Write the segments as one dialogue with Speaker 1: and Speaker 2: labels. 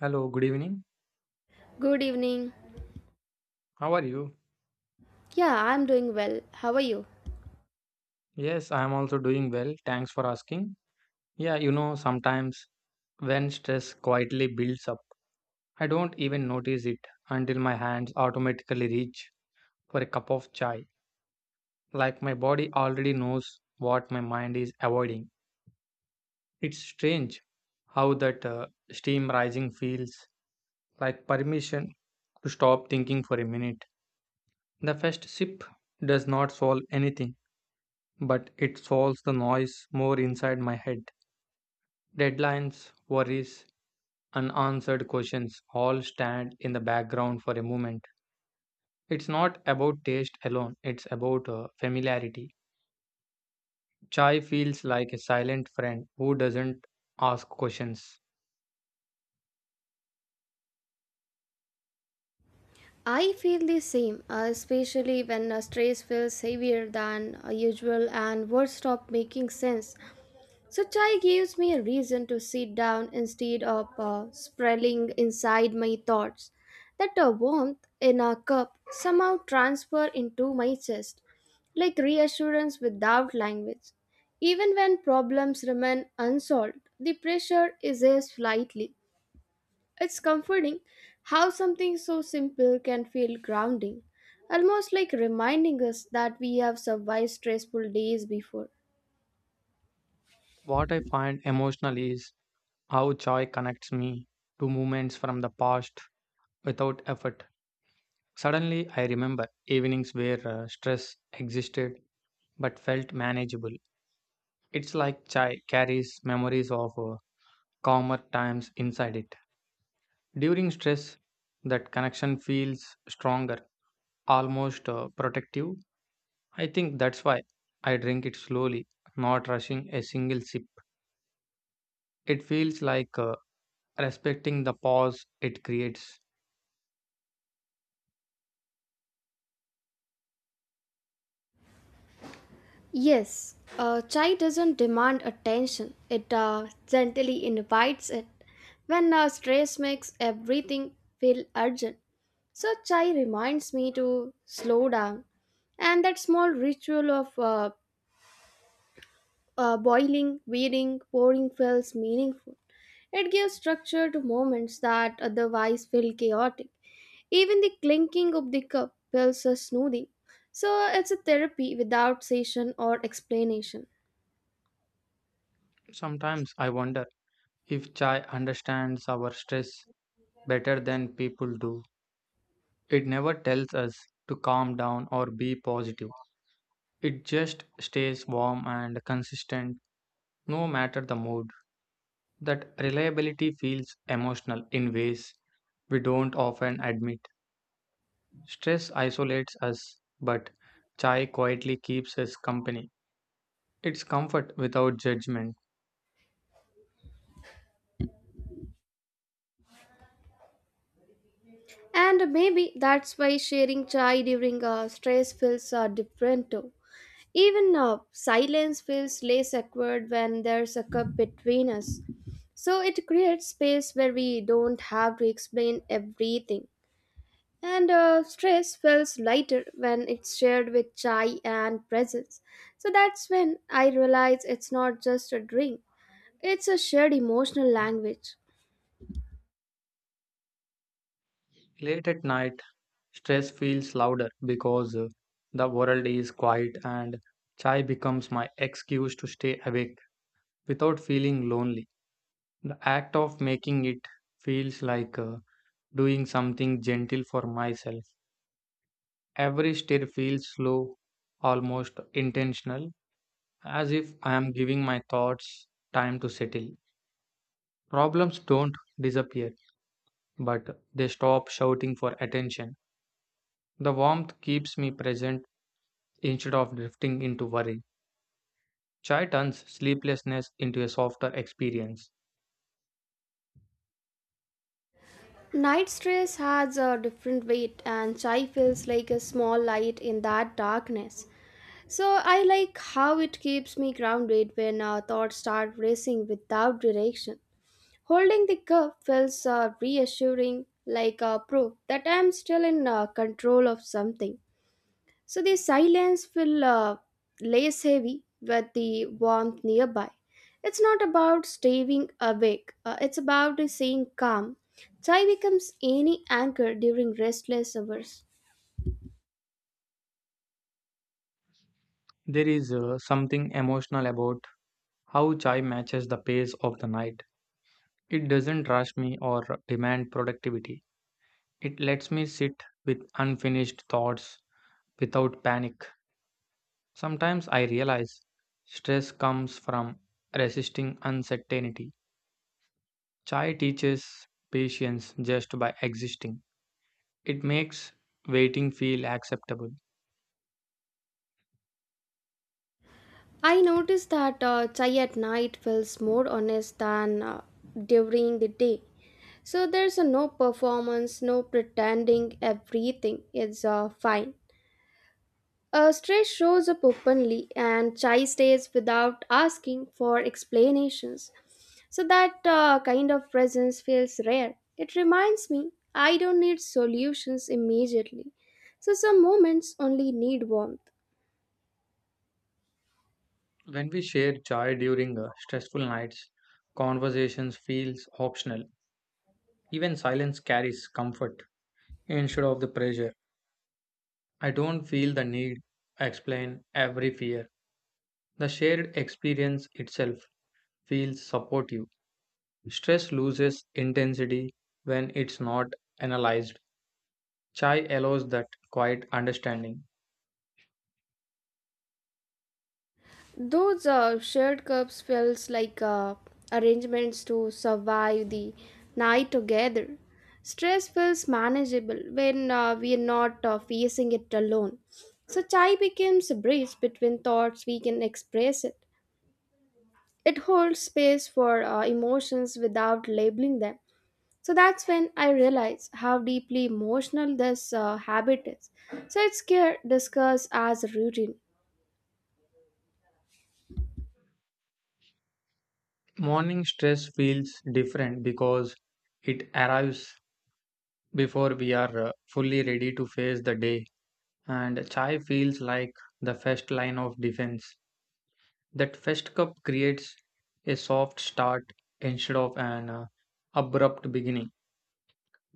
Speaker 1: Hello, good evening.
Speaker 2: Good evening.
Speaker 1: How are you?
Speaker 2: Yeah, I'm doing well. How are you?
Speaker 1: Yes, I am also doing well. Thanks for asking. Yeah, you know, sometimes when stress quietly builds up, I don't even notice it until my hands automatically reach for a cup of chai. Like my body already knows what my mind is avoiding. It's strange how that steam rising feels like permission to stop thinking for a minute. The first sip does not solve anything, but it solves the noise more inside my head. Deadlines, worries, unanswered questions all stand in the background for a moment. It's not about taste alone, it's about familiarity. Chai feels like a silent friend who doesn't ask questions.
Speaker 2: I feel the same, especially when a stress feels heavier than usual and words stop making sense. So, chai gives me a reason to sit down instead of sprawling inside my thoughts. That warmth in a cup somehow transfer into my chest, like reassurance without language. Even when problems remain unsolved, the pressure is eased slightly. It's comforting how something so simple can feel grounding, almost like reminding us that we have survived stressful days before.
Speaker 1: What I find emotional is how chai connects me to moments from the past without effort. Suddenly, I remember evenings where stress existed but felt manageable. It's like chai carries memories of calmer times inside it. During stress, that connection feels stronger, almost protective. I think that's why I drink it slowly, not rushing a single sip. It feels like respecting the pause it creates.
Speaker 2: Yes, chai doesn't demand attention, it gently invites it. When stress makes everything feel urgent, so chai reminds me to slow down. And that small ritual of boiling, weeding, pouring feels meaningful. It gives structure to moments that otherwise feel chaotic. Even the clinking of the cup feels a soothing. So it's a therapy without session or explanation.
Speaker 1: Sometimes I wonder if chai understands our stress better than people do. It never tells us to calm down or be positive. It just stays warm and consistent no matter the mood. That reliability feels emotional in ways we don't often admit. Stress isolates us, but chai quietly keeps us company. It's comfort without judgment.
Speaker 2: And maybe that's why sharing chai during stress feels different too. Even silence feels less awkward when there's a cup between us. So it creates space where we don't have to explain everything. And stress feels lighter when it's shared with chai and presence. So that's when I realize it's not just a drink, it's a shared emotional language.
Speaker 1: Late at night, stress feels louder because the world is quiet and chai becomes my excuse to stay awake without feeling lonely. The act of making it feels like a doing something gentle for myself. Every step feels slow, almost intentional, as if I am giving my thoughts time to settle. Problems don't disappear, but they stop shouting for attention. The warmth keeps me present instead of drifting into worry. Chai turns sleeplessness into a softer experience.
Speaker 2: Night stress has a different weight, and chai feels like a small light in that darkness. So I like how it keeps me grounded when thoughts start racing without direction. Holding the cup feels reassuring, like a proof that I'm still in control of something. So the silence will lays heavy with the warmth nearby. It's not about staying awake, it's about staying calm. Chai becomes any anchor during restless hours.
Speaker 1: There is something emotional about how chai matches the pace of the night. It doesn't rush me or demand productivity. It lets me sit with unfinished thoughts without panic. Sometimes I realize stress comes from resisting uncertainty. Chai teaches patience just by existing. It makes waiting feel acceptable.
Speaker 2: I noticed that chai at night feels more honest than during the day. So there's no performance, no pretending, everything is fine. A stress shows up openly, and chai stays without asking for explanations. So that kind of presence feels rare. It reminds me I don't need solutions immediately. So some moments only need warmth.
Speaker 1: When we share chai during stressful nights, conversations feels optional. Even silence carries comfort instead of the pressure. I don't feel the need to explain every fear. The shared experience itself feels supportive. Stress loses intensity when it's not analyzed. Chai allows that quiet understanding.
Speaker 2: Those shared cups feels like arrangements to survive the night together. Stress feels manageable when we are not facing it alone. So chai becomes a bridge between thoughts. We can express it. It holds space for emotions without labeling them. So that's when I realized how deeply emotional this habit is. So it's scared discussed as a routine.
Speaker 1: Morning stress feels different because it arrives before we are fully ready to face the day, and chai feels like the first line of defense. That first cup creates a soft start instead of an abrupt beginning.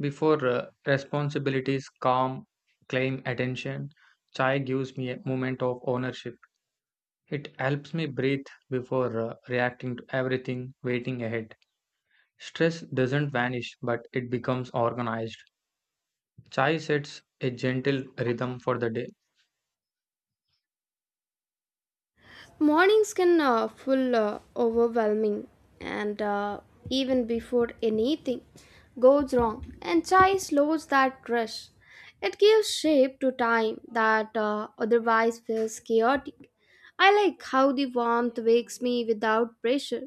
Speaker 1: Before responsibilities calm, claim attention, chai gives me a moment of ownership. It helps me breathe before reacting to everything waiting ahead. Stress doesn't vanish, but it becomes organized. Chai sets a gentle rhythm for the day.
Speaker 2: Mornings can full overwhelming, and even before anything goes wrong, and chai slows that rush. It gives shape to time that otherwise feels chaotic. I like how the warmth wakes me without pressure.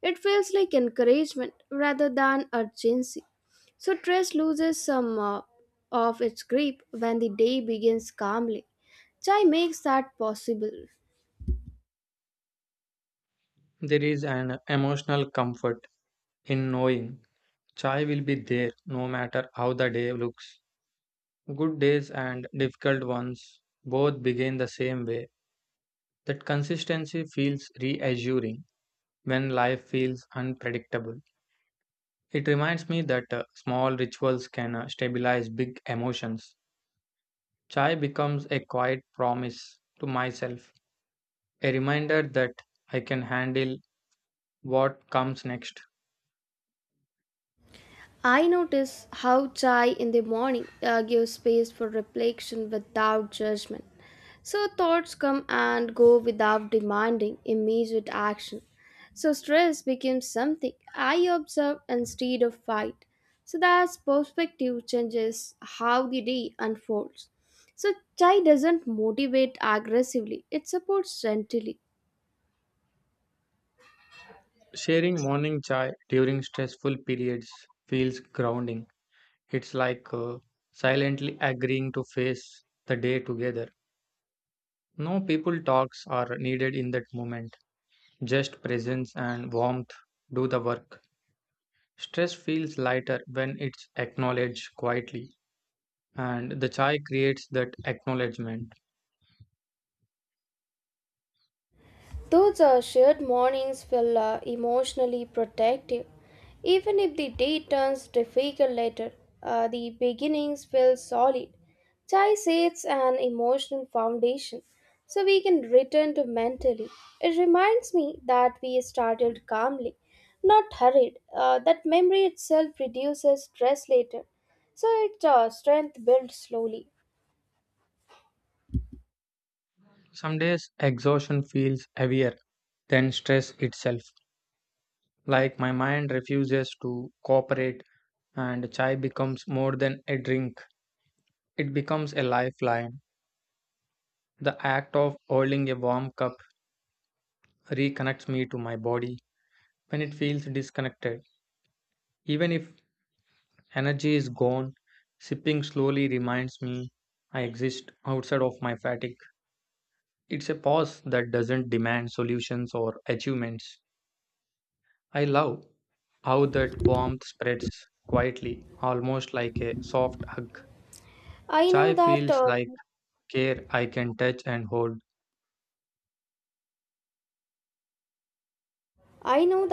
Speaker 2: It feels like encouragement rather than urgency. So stress loses some of its grip when the day begins calmly. Chai makes that possible.
Speaker 1: There is an emotional comfort in knowing chai will be there no matter how the day looks. Good days and difficult ones both begin the same way. That consistency feels reassuring when life feels unpredictable. It reminds me that small rituals can stabilize big emotions. Chai becomes a quiet promise to myself, a reminder that I can handle what comes next.
Speaker 2: I notice how chai in the morning gives space for reflection without judgment. So thoughts come and go without demanding immediate action. So stress becomes something I observe instead of fight. So that perspective changes how the day unfolds. So chai doesn't motivate aggressively, it supports gently.
Speaker 1: Sharing morning chai during stressful periods feels grounding. It's like silently agreeing to face the day together. No people talks are needed in that moment. Just presence and warmth do the work. Stress feels lighter when it's acknowledged quietly, and the chai creates that acknowledgement.
Speaker 2: Those shared mornings feel emotionally protective. Even if the day turns difficult later, the beginnings feel solid. Chai sets an emotional foundation, so we can return to mentally. It reminds me that we started calmly, not hurried. That memory itself reduces stress later, so its strength builds slowly.
Speaker 1: Some days, exhaustion feels heavier than stress itself. Like my mind refuses to cooperate, and chai becomes more than a drink, it becomes a lifeline. The act of holding a warm cup reconnects me to my body when it feels disconnected. Even if energy is gone, sipping slowly reminds me I exist outside of my fatigue. It's a pause that doesn't demand solutions or achievements. I love how that warmth spreads quietly, almost like a soft hug.
Speaker 2: I know
Speaker 1: Chai
Speaker 2: that
Speaker 1: feels
Speaker 2: uh,
Speaker 1: like care I can touch and hold.
Speaker 2: I know